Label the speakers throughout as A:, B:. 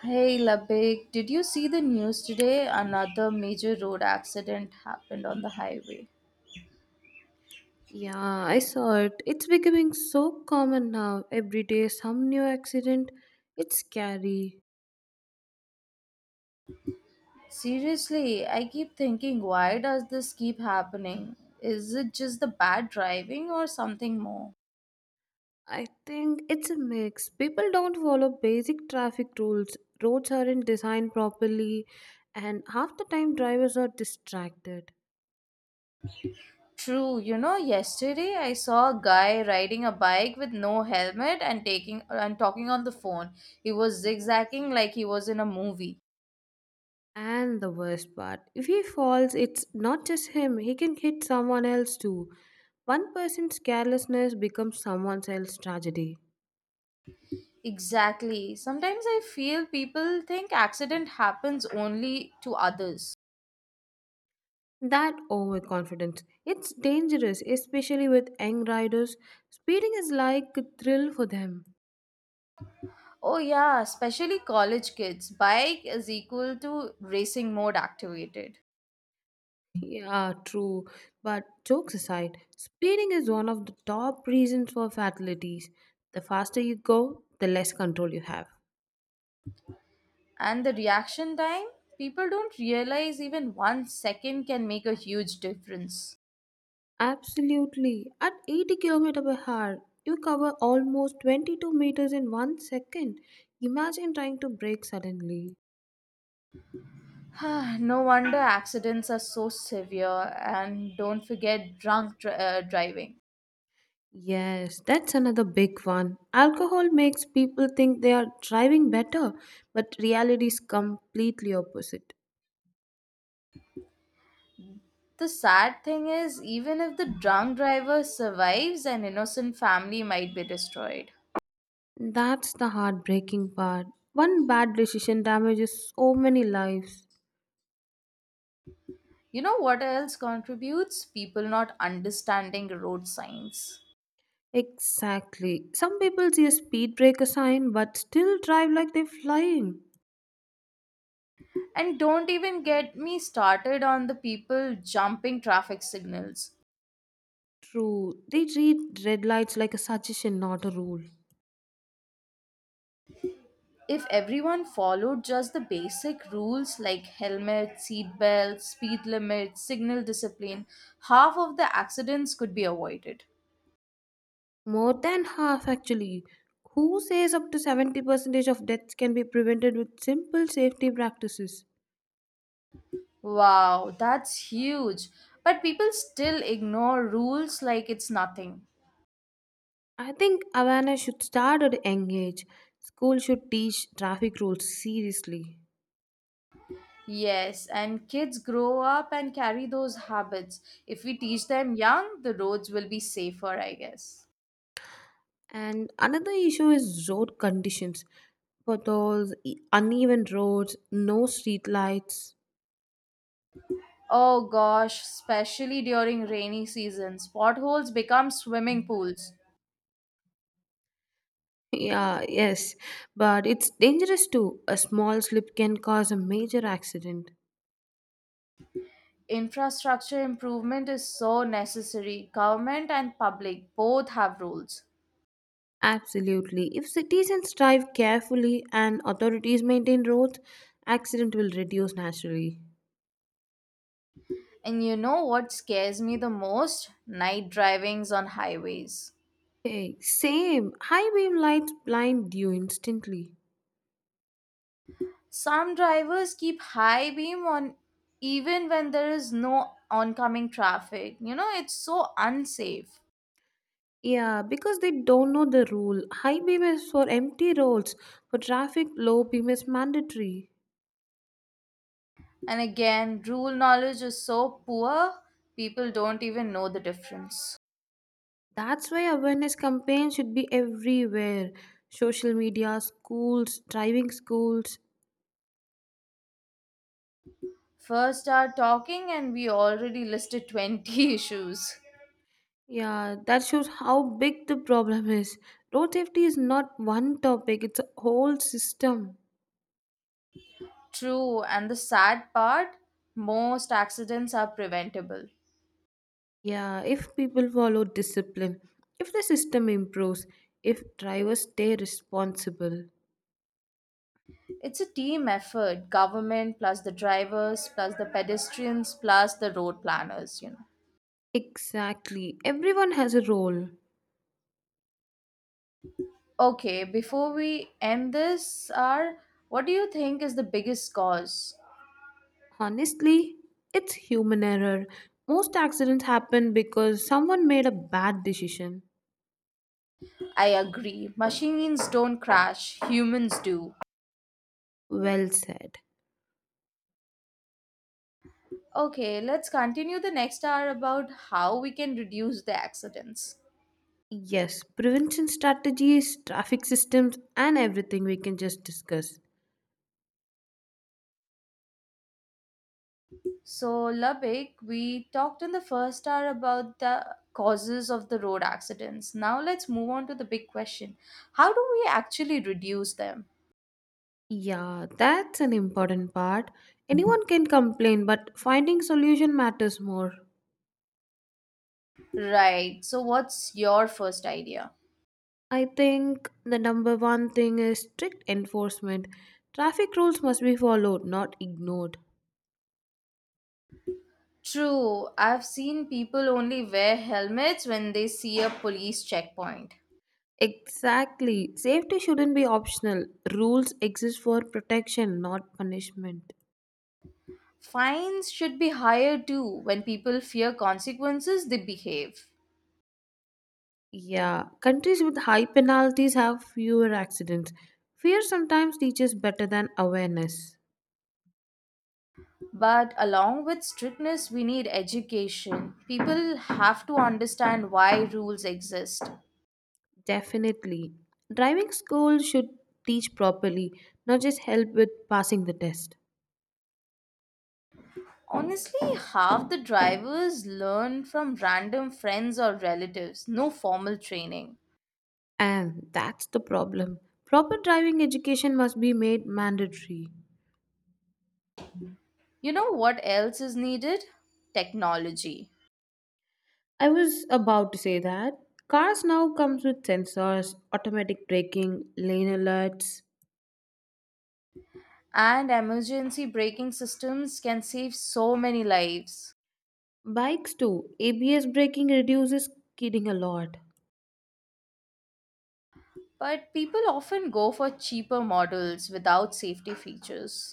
A: Hey Labik, did you see the news today? Another major road accident happened on the highway.
B: Yeah, I saw it. It's becoming so common now. Every day, some new accident. It's scary.
A: Seriously, I keep thinking, why does this keep happening? Is it just the bad driving or something more?
B: I think it's a mix. People don't follow basic traffic rules, roads aren't designed properly, and half the time, drivers are distracted.
A: True, you know, yesterday I saw a guy riding a bike with no helmet and taking and talking on the phone. He was zigzagging like he was in a movie.
B: And the worst part if he falls, it's not just him, he can hit someone else too. One person's carelessness becomes someone else's tragedy.
A: Exactly. Sometimes I feel people think accident happens only to others.
B: That overconfidence. It's dangerous, especially with young riders. Speeding is like a thrill for them.
A: Oh yeah, especially college kids. Bike is equal to racing mode activated.
B: Yeah, true. But jokes aside, speeding is one of the top reasons for fatalities. The faster you go, the less control you have.
A: And the reaction time? People don't realize even 1 second can make a huge difference.
B: Absolutely. At 80 kilometers per hour, you cover almost 22 meters in 1 second. Imagine trying to brake suddenly.
A: No wonder accidents are so severe, and don't forget drunk driving.
B: Yes, that's another big one. Alcohol makes people think they are driving better, but reality is completely opposite.
A: The sad thing is, even if the drunk driver survives, an innocent family might be destroyed.
B: That's the heartbreaking part. One bad decision damages so many lives.
A: You know what else contributes? People not understanding road signs.
B: Exactly. Some people see a speed breaker sign but still drive like they're flying.
A: And don't even get me started on the people jumping traffic signals.
B: True. They treat red lights like a suggestion, not a rule.
A: If everyone followed just the basic rules like helmet, seat belt, speed limit, signal discipline, half of the accidents could be avoided.
B: More than half, actually. Who says up to 70% of deaths can be prevented with simple safety practices?
A: Wow, that's huge. But people still ignore rules like it's nothing.
B: I think awareness should start at a young age. School should teach traffic rules seriously.
A: Yes, and kids grow up and carry those habits. If we teach them young, the roads will be safer, I guess.
B: And another issue is road conditions. Potholes, uneven roads, no street lights.
A: Oh gosh, especially during rainy seasons, potholes become swimming pools.
B: Yeah, yes, but it's dangerous too. A small slip can cause a major accident.
A: Infrastructure improvement is so necessary. Government and public both have rules.
B: Absolutely. If citizens drive carefully and authorities maintain roads, accident will reduce naturally.
A: And you know what scares me the most? Night drivings on highways.
B: Hey, same. High beam lights blind you instantly.
A: Some drivers keep high beam on even when there is no oncoming traffic. You know, it's so unsafe.
B: Yeah, because they don't know the rule. High beam is for empty roads. For traffic, low beam is mandatory.
A: And again, rule knowledge is so poor, people don't even know the difference.
B: That's why awareness campaigns should be everywhere. Social media, schools, driving schools.
A: First hour talking, and we already listed 20 issues.
B: Yeah, that shows how big the problem is. Road safety is not one topic, it's a whole system.
A: True, and the sad part most accidents are preventable.
B: Yeah, if people follow discipline, if the system improves, if drivers stay responsible.
A: It's a team effort government plus the drivers, plus the pedestrians, plus the road planners, you know.
B: Exactly, everyone has a role.
A: Okay, before we end this, R, what do you think is the biggest cause?
B: Honestly, it's human error. Most accidents happen because someone made a bad decision.
A: I agree. Machines don't crash, humans do.
B: Well said.
A: Okay, let's continue the next hour about how we can reduce the accidents.
B: Yes, prevention strategies, traffic systems, and everything we can just discuss.
A: So, Labik, we talked in the first hour about the causes of the road accidents. Now, let's move on to the big question. How do we actually reduce them?
B: Yeah, that's an important part. Anyone can complain, but finding solution matters more.
A: Right. So, what's your first idea?
B: I think the number one thing is strict enforcement. Traffic rules must be followed, not ignored.
A: True. I've seen people only wear helmets when they see a police checkpoint.
B: Exactly. Safety shouldn't be optional. Rules exist for protection, not punishment.
A: Fines should be higher too. When people fear consequences, they behave.
B: Yeah, countries with high penalties have fewer accidents. Fear sometimes teaches better than awareness.
A: But along with strictness, we need education. People have to understand why rules exist.
B: Definitely. Driving school should teach properly, not just help with passing the test.
A: Honestly, half the drivers learn from random friends or relatives, no formal training.
B: And that's the problem. Proper driving education must be made mandatory.
A: You know what else is needed? Technology.
B: I was about to say that. Cars now comes with sensors, automatic braking, lane alerts.
A: And emergency braking systems can save so many lives.
B: Bikes too. ABS braking reduces skidding a lot.
A: But people often go for cheaper models without safety features.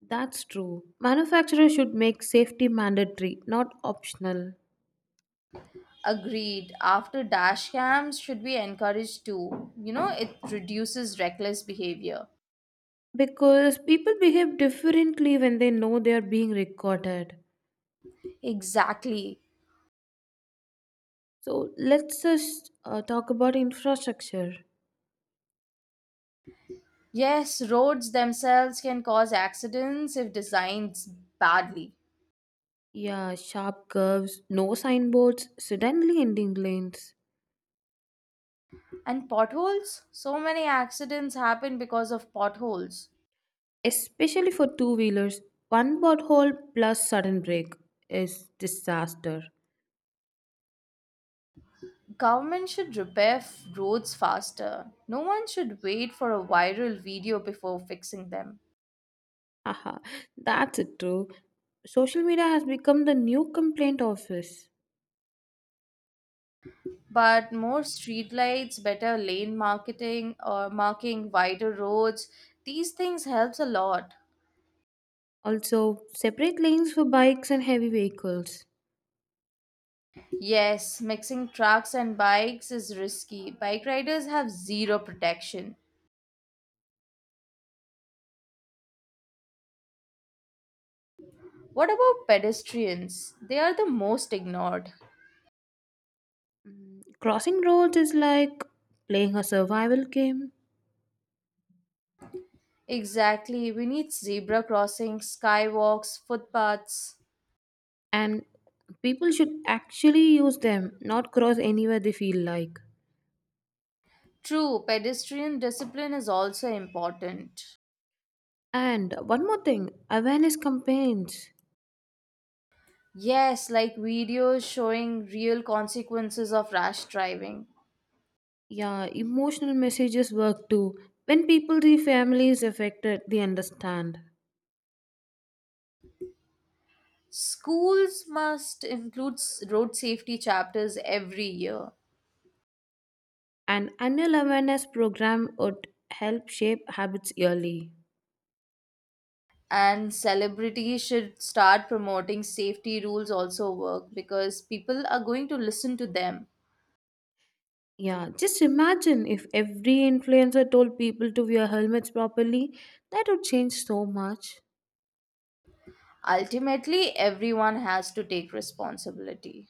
B: That's true. Manufacturers should make safety mandatory, not optional.
A: Agreed. After dash cams should be encouraged too. You know, it reduces reckless behavior.
B: Because people behave differently when they know they are being recorded.
A: Exactly.
B: So let's just talk about infrastructure.
A: Yes, roads themselves can cause accidents if designed badly.
B: Yeah, sharp curves, no signboards, suddenly ending lanes.
A: And potholes? So many accidents happen because of potholes.
B: Especially for two wheelers, one pothole plus sudden break is disaster.
A: Government should repair roads faster. No one should wait for a viral video before fixing them.
B: Haha, that's it too. Social media has become the new complaint office.
A: But more streetlights, better lane marketing or marking wider roads, these things helps a lot.
B: Also, separate lanes for bikes and heavy vehicles.
A: Yes, mixing trucks and bikes is risky. Bike riders have zero protection. What about pedestrians? They are the most ignored.
B: Crossing roads is like playing a survival game,
A: Exactly, we need zebra crossings, skywalks, footpaths.
B: and people should actually use them, not cross anywhere they feel like.
A: True, pedestrian discipline is also important.
B: And one more thing awareness campaigns.
A: Yes, like videos showing real consequences of rash driving.
B: Yeah, emotional messages work too. When people see families affected, they understand.
A: Schools must include road safety chapters every year,
B: An annual awareness program would help shape habits yearly.
A: and celebrities should start promoting safety rules also work because people are going to listen to them.
B: Yeah, just imagine if every influencer told people to wear helmets properly, that would change so much.
A: Ultimately, everyone has to take responsibility.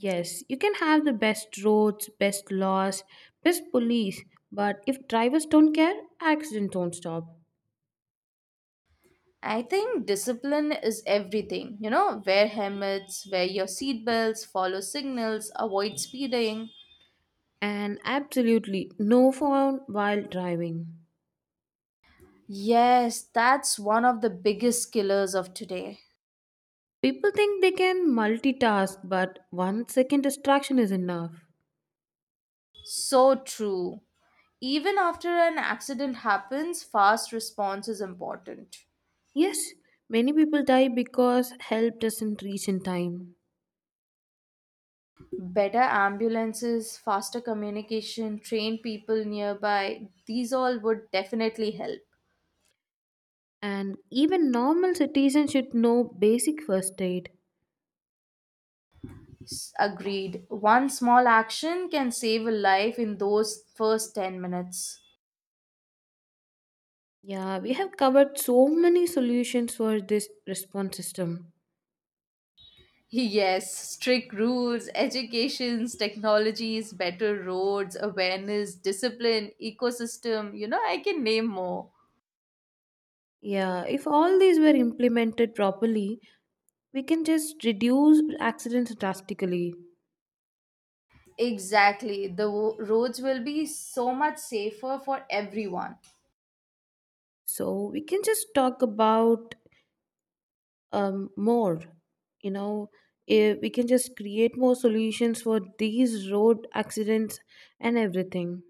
B: Yes, you can have the best roads, best laws, best police, but if drivers don't care, accidents don't stop.
A: I think discipline is everything. You know, wear helmets, wear your seatbelts, follow signals, avoid speeding.
B: And absolutely no phone while driving.
A: Yes, that's one of the biggest killers of today.
B: People think they can multitask, but 1 second distraction is enough.
A: So true. Even after an accident happens, fast response is important.
B: Yes, many people die because help doesn't reach in time.
A: Better ambulances, faster communication, trained people nearby, these all would definitely help.
B: And even normal citizens should know basic first aid.
A: Agreed. One small action can save a life in those first 10 minutes.
B: Yeah, we have covered so many solutions for this response system.
A: Yes, strict rules, educations, technologies, better roads, awareness, discipline, ecosystem, you know, I can name more.
B: Yeah, if all these were implemented properly, we can just reduce accidents drastically.
A: Exactly. The roads will be so much safer for everyone.
B: So we can just talk about more, you know, we can just create more solutions for these road accidents and everything.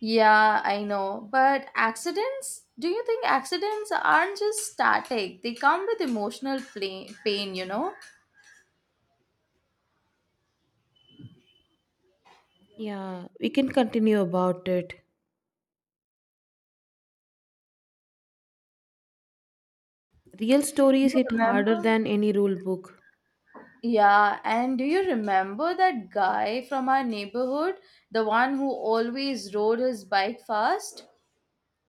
A: Yeah, I know. But accidents? Do you think accidents aren't just static? They come with emotional pain, you know?
B: Yeah, we can continue about it. Real stories
A: You
B: hit harder
A: remember?
B: than any rule book.
A: Yeah, and do you remember that guy from our neighborhood? The one who always rode his bike fast?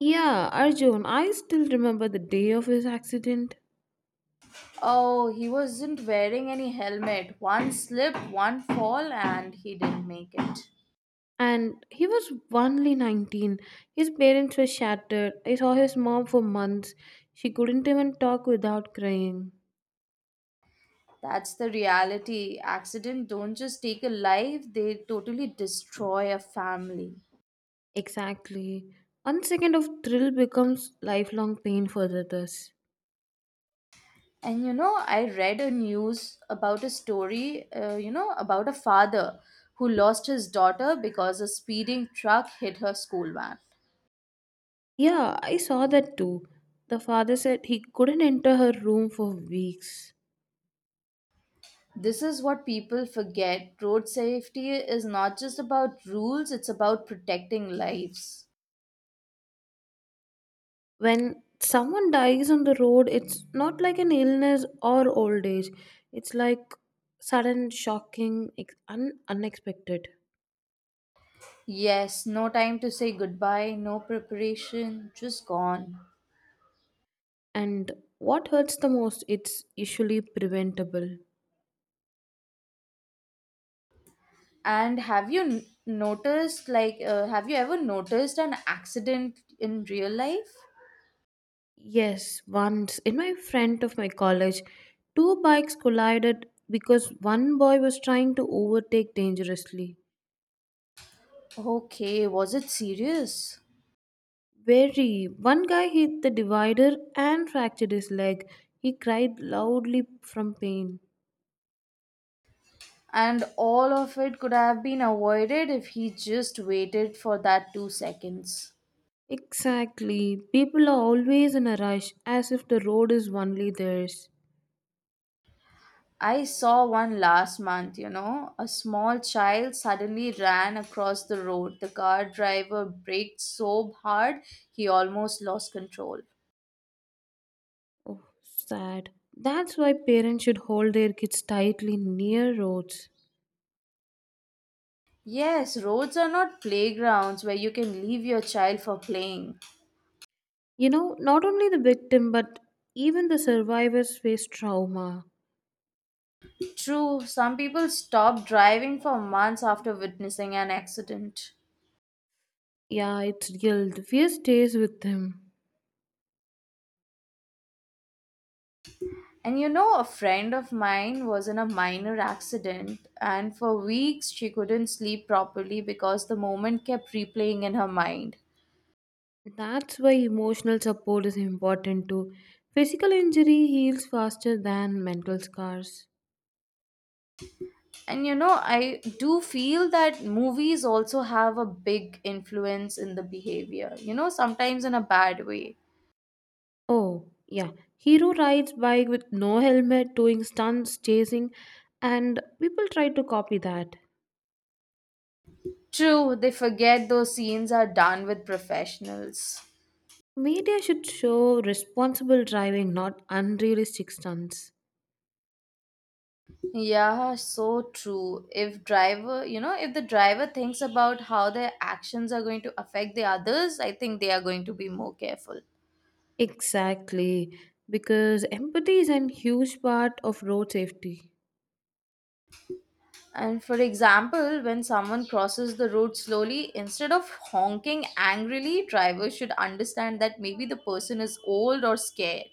B: Yeah, Arjun, I still remember the day of his accident.
A: Oh, he wasn't wearing any helmet. One slip, one fall, and he didn't make it.
B: And he was only 19. His parents were shattered. I saw his mom for months. She couldn't even talk without crying.
A: That's the reality. Accident don't just take a life, they totally destroy a family.
B: Exactly, 1 second of thrill becomes lifelong pain for others.
A: And you know, I read a news about a story, about a father who lost his daughter because a speeding truck hit her school van.
B: Yeah, I saw that too. The father said he couldn't enter her room for weeks.
A: This is what people forget. Road safety is not just about rules, it's about protecting lives.
B: When someone dies on the road, it's not like an illness or old age, it's like sudden, shocking, unexpected.
A: Yes, no time to say goodbye, no preparation, just gone.
B: And what hurts the most, it's usually preventable.
A: And have you ever noticed an accident in real life?
B: Yes, once in my friend of my college, two bikes collided because one boy was trying to overtake dangerously.
A: Okay, was it serious?
B: Very. One guy hit the divider and fractured his leg. He cried loudly from pain.
A: And all of it could have been avoided if he just waited for that 2 seconds.
B: Exactly. People are always in a rush as if the road is only theirs.
A: I saw one last month, you know. A small child suddenly ran across the road. The car driver braked so hard he almost lost control.
B: Oh, sad. That's why parents should hold their kids tightly near roads.
A: Yes, roads are not playgrounds where you can leave your child for playing.
B: You know, not only the victim, but even the survivors face trauma.
A: True, some people stop driving for months after witnessing an accident.
B: Yeah, it's guilt. Fear stays with them.
A: And you know, a friend of mine was in a minor accident, and for weeks she couldn't sleep properly because the moment kept replaying in her mind.
B: That's why emotional support is important too. Physical injury heals faster than mental scars.
A: And you know, I do feel that movies also have a big influence in the behavior, you know, sometimes in a bad way.
B: Oh, yeah. Hero rides bike with no helmet, doing stunts, chasing, and people try to copy that.
A: True, they forget those scenes are done with professionals.
B: Media should show responsible driving, not unrealistic stunts.
A: Yeah, so true. If driver, you know, if the driver thinks about how their actions are going to affect the others, I think they are going to be more careful.
B: Exactly, because empathy is a huge part of road safety.
A: And for example, when someone crosses the road slowly, instead of honking angrily, drivers should understand that maybe the person is old or scared.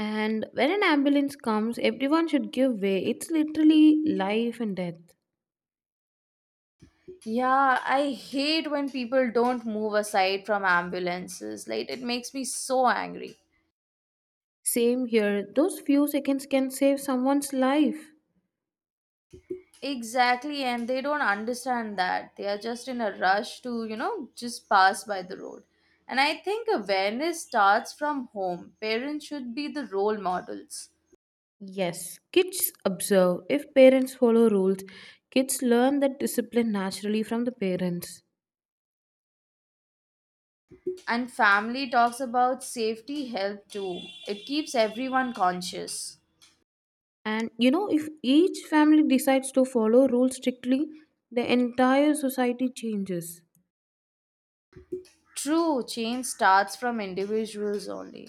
B: And when an ambulance comes, everyone should give way. It's literally life and death.
A: Yeah, I hate when people don't move aside from ambulances. Like it makes me so angry.
B: Same here, those few seconds can save someone's life.
A: Exactly, and they don't understand that. They are just in a rush to, you know, just pass by the road. And I think awareness starts from home. Parents should be the role models.
B: Yes, kids observe. If parents follow rules, kids learn that discipline naturally from the parents.
A: And family talks about safety help too. It keeps everyone conscious.
B: And you know, if each family decides to follow rules strictly, the entire society changes.
A: True, change starts from individuals only.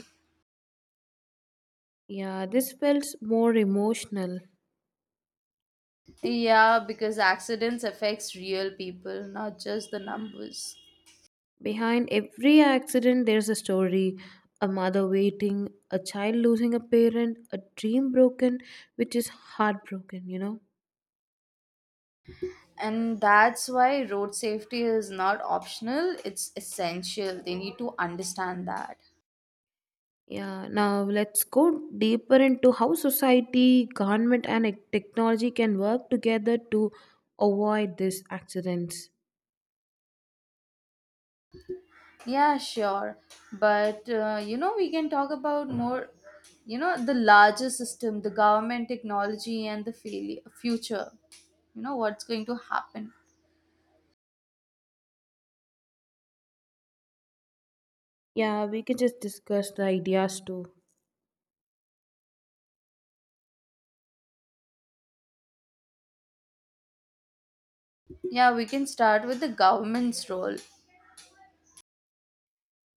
B: Yeah, this felt more emotional.
A: Yeah, because accidents affects real people, not just the numbers.
B: Behind every accident, there's a story, a mother waiting, a child losing a parent, a dream broken, which is heartbroken, you know?
A: And that's why road safety is not optional, it's essential. They need to understand that.
B: Yeah, now let's go deeper into how society, government, and technology can work together to avoid these accidents.
A: Yeah, sure, but you know, we can talk about more, you know, the larger system, the government, technology, and the future. You know what's going to happen.
B: Yeah, we can just discuss the ideas too.
A: Yeah, we can start with the government's role.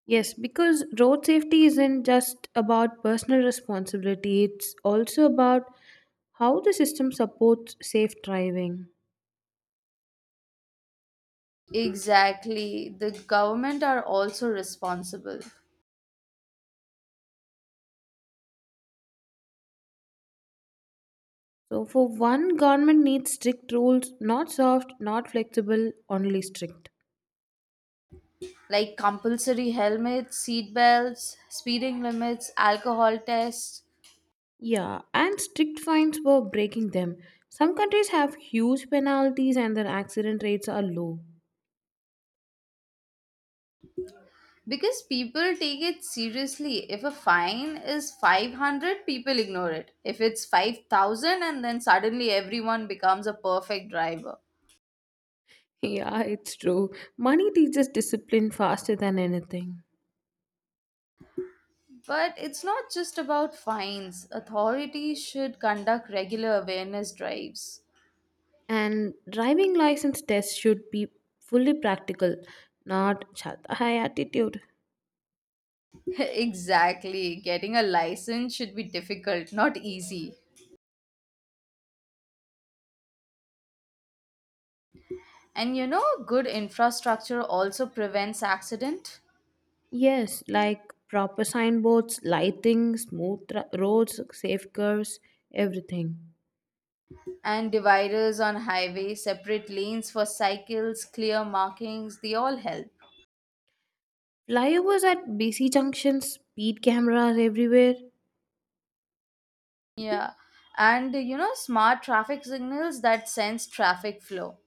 B: Yes, because road safety isn't just about personal responsibility, it's also about how the system supports safe driving.
A: Exactly, the government are also responsible.
B: So, for one, government needs strict rules, not soft, not flexible, only strict.
A: Like compulsory helmets, seat belts, speeding limits, alcohol tests.
B: Yeah, and strict fines for breaking them. Some countries have huge penalties and their accident rates are low.
A: Because people take it seriously. If a fine is 500, people ignore it. If it's 5,000, and then suddenly everyone becomes a perfect driver.
B: Yeah, it's true. Money teaches discipline faster than anything.
A: But it's not just about fines. Authorities should conduct regular awareness drives.
B: And driving license tests should be fully practical, not chat high attitude.
A: Exactly. Getting a license should be difficult, not easy. And you know, good infrastructure also prevents accident.
B: Yes, like proper signboards, lighting, smooth roads, safe curves, everything.
A: And dividers on highways, separate lanes for cycles, clear markings, they all help.
B: Flyovers at busy junctions, speed cameras everywhere.
A: Yeah. And you know, smart traffic signals that sense traffic flow.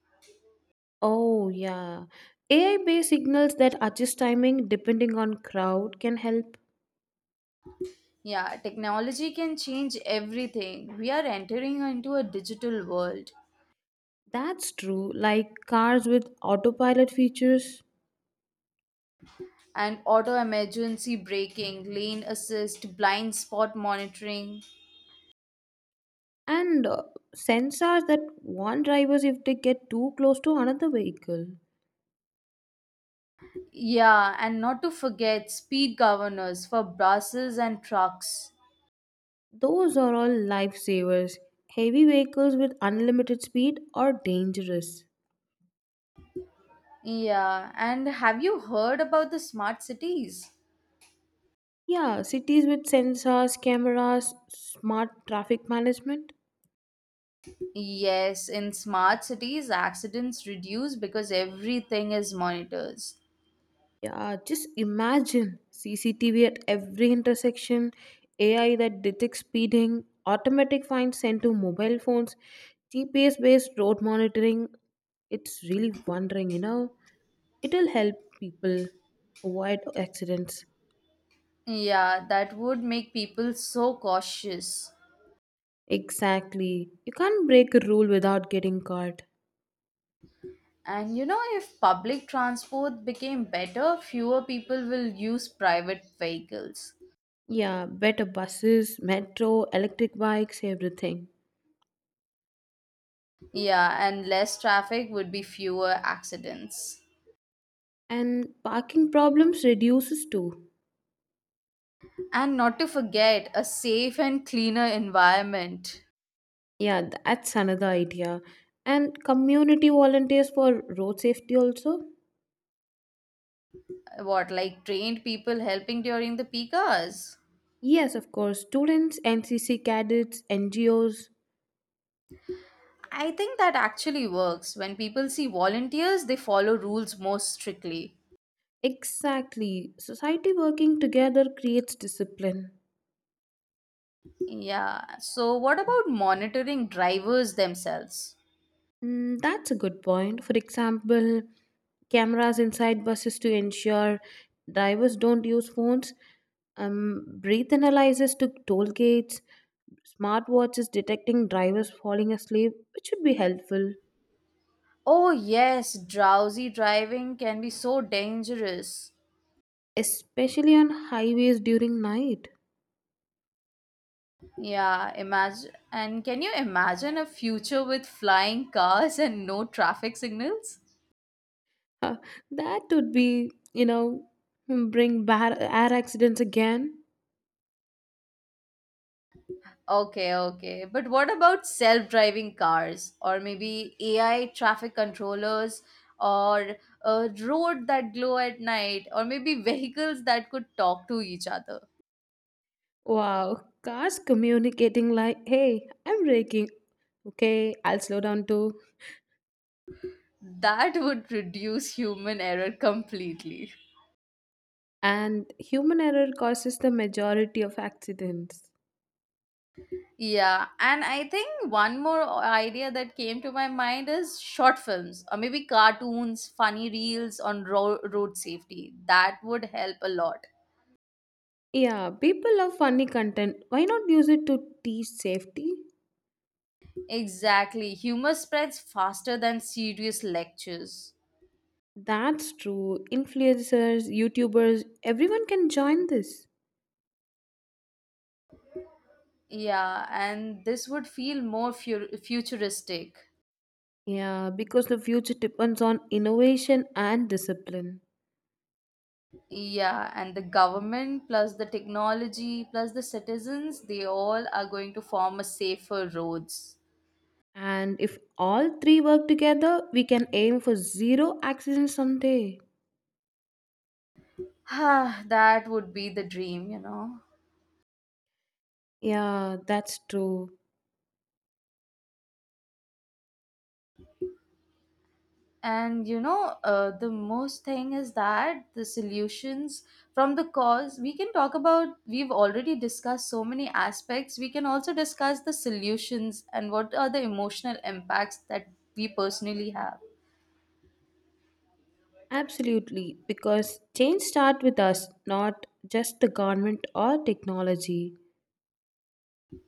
B: Oh, yeah. AI based signals that adjust timing depending on crowd can help.
A: Yeah, technology can change everything. We are entering into a digital world.
B: That's true, like cars with autopilot features
A: And auto emergency braking, lane assist, blind spot monitoring.
B: and sensors that warn drivers if they get too close to another vehicle.
A: Yeah, and not to forget speed governors for buses and trucks.
B: Those are all lifesavers. Heavy vehicles with unlimited speed are dangerous.
A: Yeah, and have you heard about the smart cities?
B: Yeah, cities with sensors, cameras, smart traffic management.
A: Yes, in smart cities, accidents reduce because everything is monitors.
B: Yeah, just imagine CCTV at every intersection, AI that detects speeding, automatic fines sent to mobile phones, GPS based road monitoring. It's really wondering, you know. It'll help people avoid accidents.
A: Yeah, that would make people so cautious.
B: Exactly. You can't break a rule without getting caught.
A: And you know, if public transport became better, fewer people will use private vehicles.
B: Yeah, better buses, metro, electric bikes, everything.
A: Yeah, and less traffic would be fewer accidents.
B: And parking problems reduces too.
A: And not to forget, a safe and cleaner environment.
B: Yeah, that's another idea. And community volunteers for road safety also?
A: What, like trained people helping during the peak hours?
B: Yes, of course. Students, NCC cadets, NGOs.
A: I think that actually works. When people see volunteers, they follow rules more strictly.
B: Exactly. Society working together creates discipline.
A: Yeah. So, what about monitoring drivers themselves?
B: Mm, that's a good point. For example, cameras inside buses to ensure drivers don't use phones, breath analysis to toll gates, smartwatches detecting drivers falling asleep, which would be helpful,
A: Oh, yes, drowsy driving can be so dangerous.
B: especially on highways during night.
A: Yeah, imagine. And can you imagine a future with flying cars and no traffic signals?
B: Uh, that would be, you know, bring bad air accidents again.
A: Okay, okay. But what about self-driving cars or maybe AI traffic controllers or a road that glow at night or maybe vehicles that could talk to each other?
B: Wow, cars communicating like, hey, I'm braking. Okay, I'll slow down too.
A: That would reduce human error completely.
B: And human error causes the majority of accidents.
A: Yeah, and I think one more idea that came to my mind is short films or maybe cartoons, funny reels on road safety. That would help a lot.
B: Yeah, people love funny content. Why not use it to teach safety?
A: Exactly. Humor spreads faster than serious lectures.
B: That's true. Influencers, YouTubers, everyone can join this.
A: Yeah, and this would feel more futuristic.
B: Yeah, because the future depends on innovation and discipline.
A: Yeah, and the government plus the technology plus the citizens, they all are going to form a safer roads.
B: And if all three work together, we can aim for zero accidents someday.
A: That would be the dream, you know.
B: Yeah, that's true.
A: And you know, the most thing is that the solutions from the cause we can talk about. We've already discussed so many aspects. We can also discuss the solutions and what are the emotional impacts that we personally have.
B: Absolutely, because change starts with us, not just the government or technology.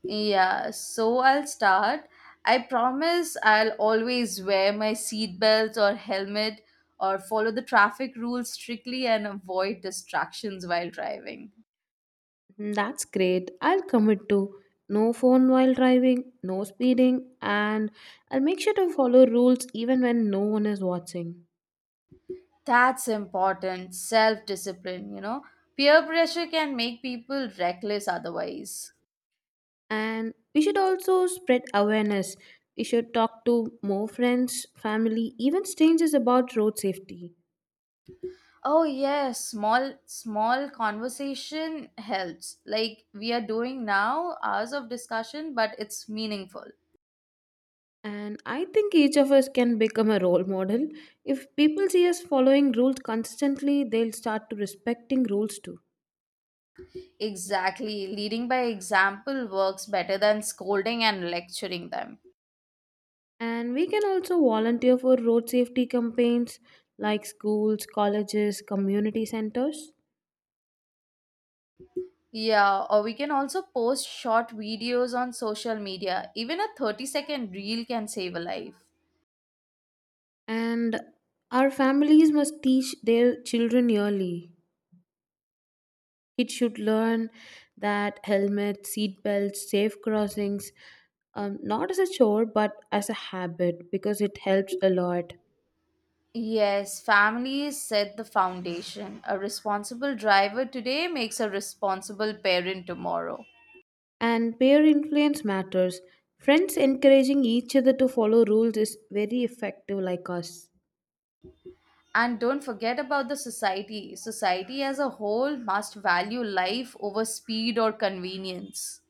A: Yeah, so I'll start. I promise I'll always wear my seatbelt or helmet or follow the traffic rules strictly and avoid distractions while driving.
B: Mm, that's great. I'll commit to no phone while driving, no speeding, and I'll make sure to follow rules even when no one is watching.
A: That's important. Self discipline, you know. Peer pressure can make people reckless otherwise.
B: And we should also spread awareness. We should talk to more friends, family, even strangers about road safety.
A: Oh yes, small small conversation helps. Like we are doing now, hours of discussion, but it's meaningful.
B: And I think each of us can become a role model. If people see us following rules consistently, they'll start to respecting rules too.
A: Exactly. Leading by example works better than scolding and lecturing them.
B: And we can also volunteer for road safety campaigns like schools, colleges, community centers.
A: Yeah, or we can also post short videos on social media. Even a 30-second reel can save a life.
B: And our families must teach their children early. Kids should learn that helmets, seat belts, safe crossings, not as a chore but as a habit because it helps a lot.
A: Yes, families set the foundation. A responsible driver today makes a responsible parent tomorrow.
B: And peer influence matters. Friends encouraging each other to follow rules is very effective, like us.
A: And don't forget about the society. Society as a whole must value life over speed or convenience.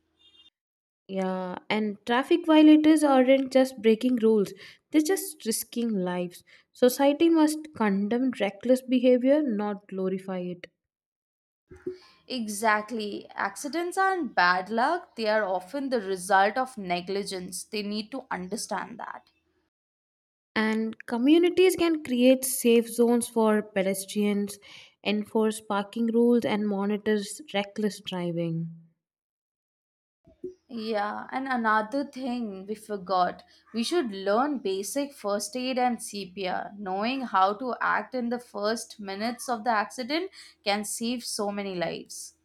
B: Yeah, and traffic violators aren't just breaking rules, they're just risking lives. Society must condemn reckless behavior, not glorify it.
A: Exactly. Accidents aren't bad luck, they are often the result of negligence. They need to understand that.
B: And communities can create safe zones for pedestrians, enforce parking rules, and monitor reckless driving.
A: Yeah, and another thing we forgot, we should learn basic first aid and CPR. Knowing how to act in the first minutes of the accident can save so many lives.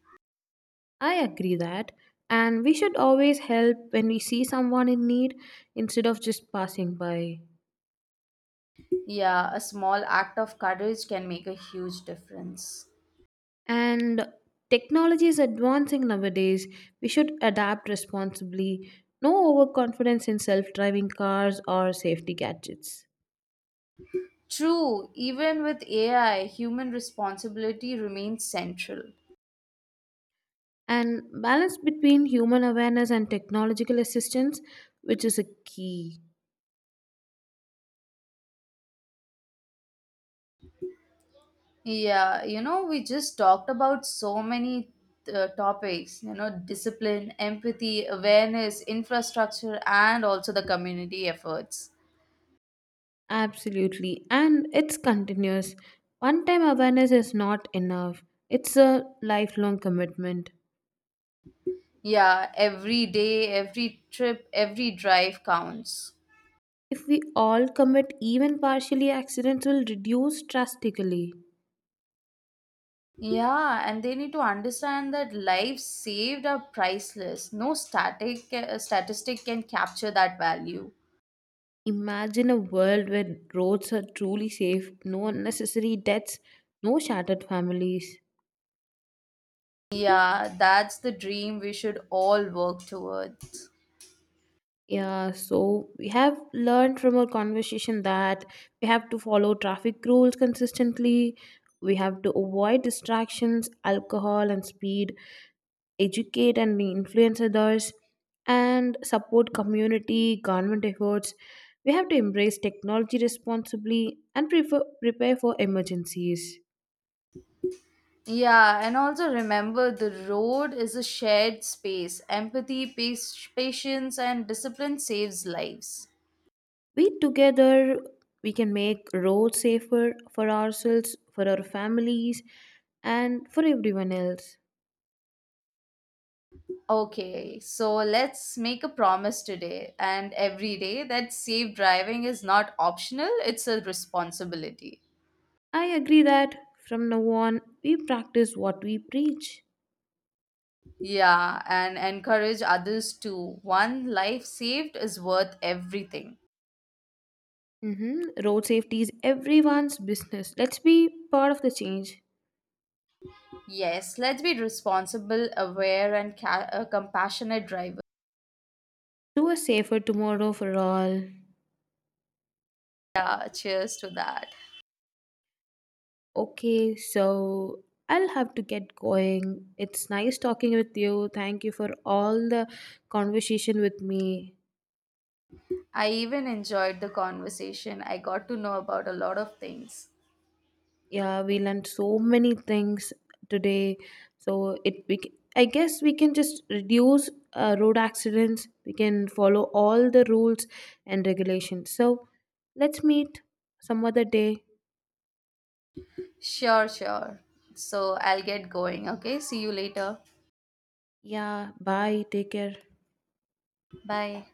B: I agree that. And we should always help when we see someone in need instead of just passing by.
A: Yeah, a small act of courage can make a huge difference.
B: And technology is advancing nowadays. We should adapt responsibly. No overconfidence in self driving cars or safety gadgets.
A: True, even with AI, human responsibility remains central.
B: And balance between human awareness and technological assistance, which is a key.
A: Yeah, you know, we just talked about so many topics, you know, discipline, empathy, awareness, infrastructure, and also the community efforts.
B: Absolutely. And it's continuous. One time awareness is not enough, it's a lifelong commitment.
A: Yeah, every day, every trip, every drive counts.
B: If we all commit even partially, accidents will reduce drastically.
A: Yeah, and they need to understand that lives saved are priceless. No static statistic can capture that value.
B: Imagine a world where roads are truly safe, no unnecessary deaths, no shattered families.
A: Yeah, that's the dream we should all work towards.
B: Yeah, so we have learned from our conversation that we have to follow traffic rules consistently, we have to avoid distractions, alcohol, and speed, educate and influence others, and support community government efforts. We have to embrace technology responsibly and prepare for emergencies.
A: Yeah, and also remember the road is a shared space. Empathy, patience, and discipline saves lives.
B: We together, we can make roads safer for ourselves, for our families, and for everyone else.
A: Okay, so let's make a promise today and every day that safe driving is not optional, it's a responsibility.
B: I agree that. From now on we practice what we preach.
A: Yeah, and encourage others too. One life saved is worth everything.
B: Hmm. Road safety is everyone's business. Let's be part of the change.
A: Yes, let's be responsible, aware, and compassionate drivers.
B: Do a safer tomorrow for all.
A: Yeah, cheers to that.
B: Okay, so I'll have to get going. It's nice talking with you. Thank you for all the conversation with me.
A: I even enjoyed the conversation. I got to know about a lot of things.
B: Yeah, we learned so many things today. So I guess we can just reduce road accidents. We can follow all the rules and regulations. So let's meet some other day.
A: Sure, sure. So I'll get going. Okay, see you later.
B: Yeah, bye. Take care.
A: Bye.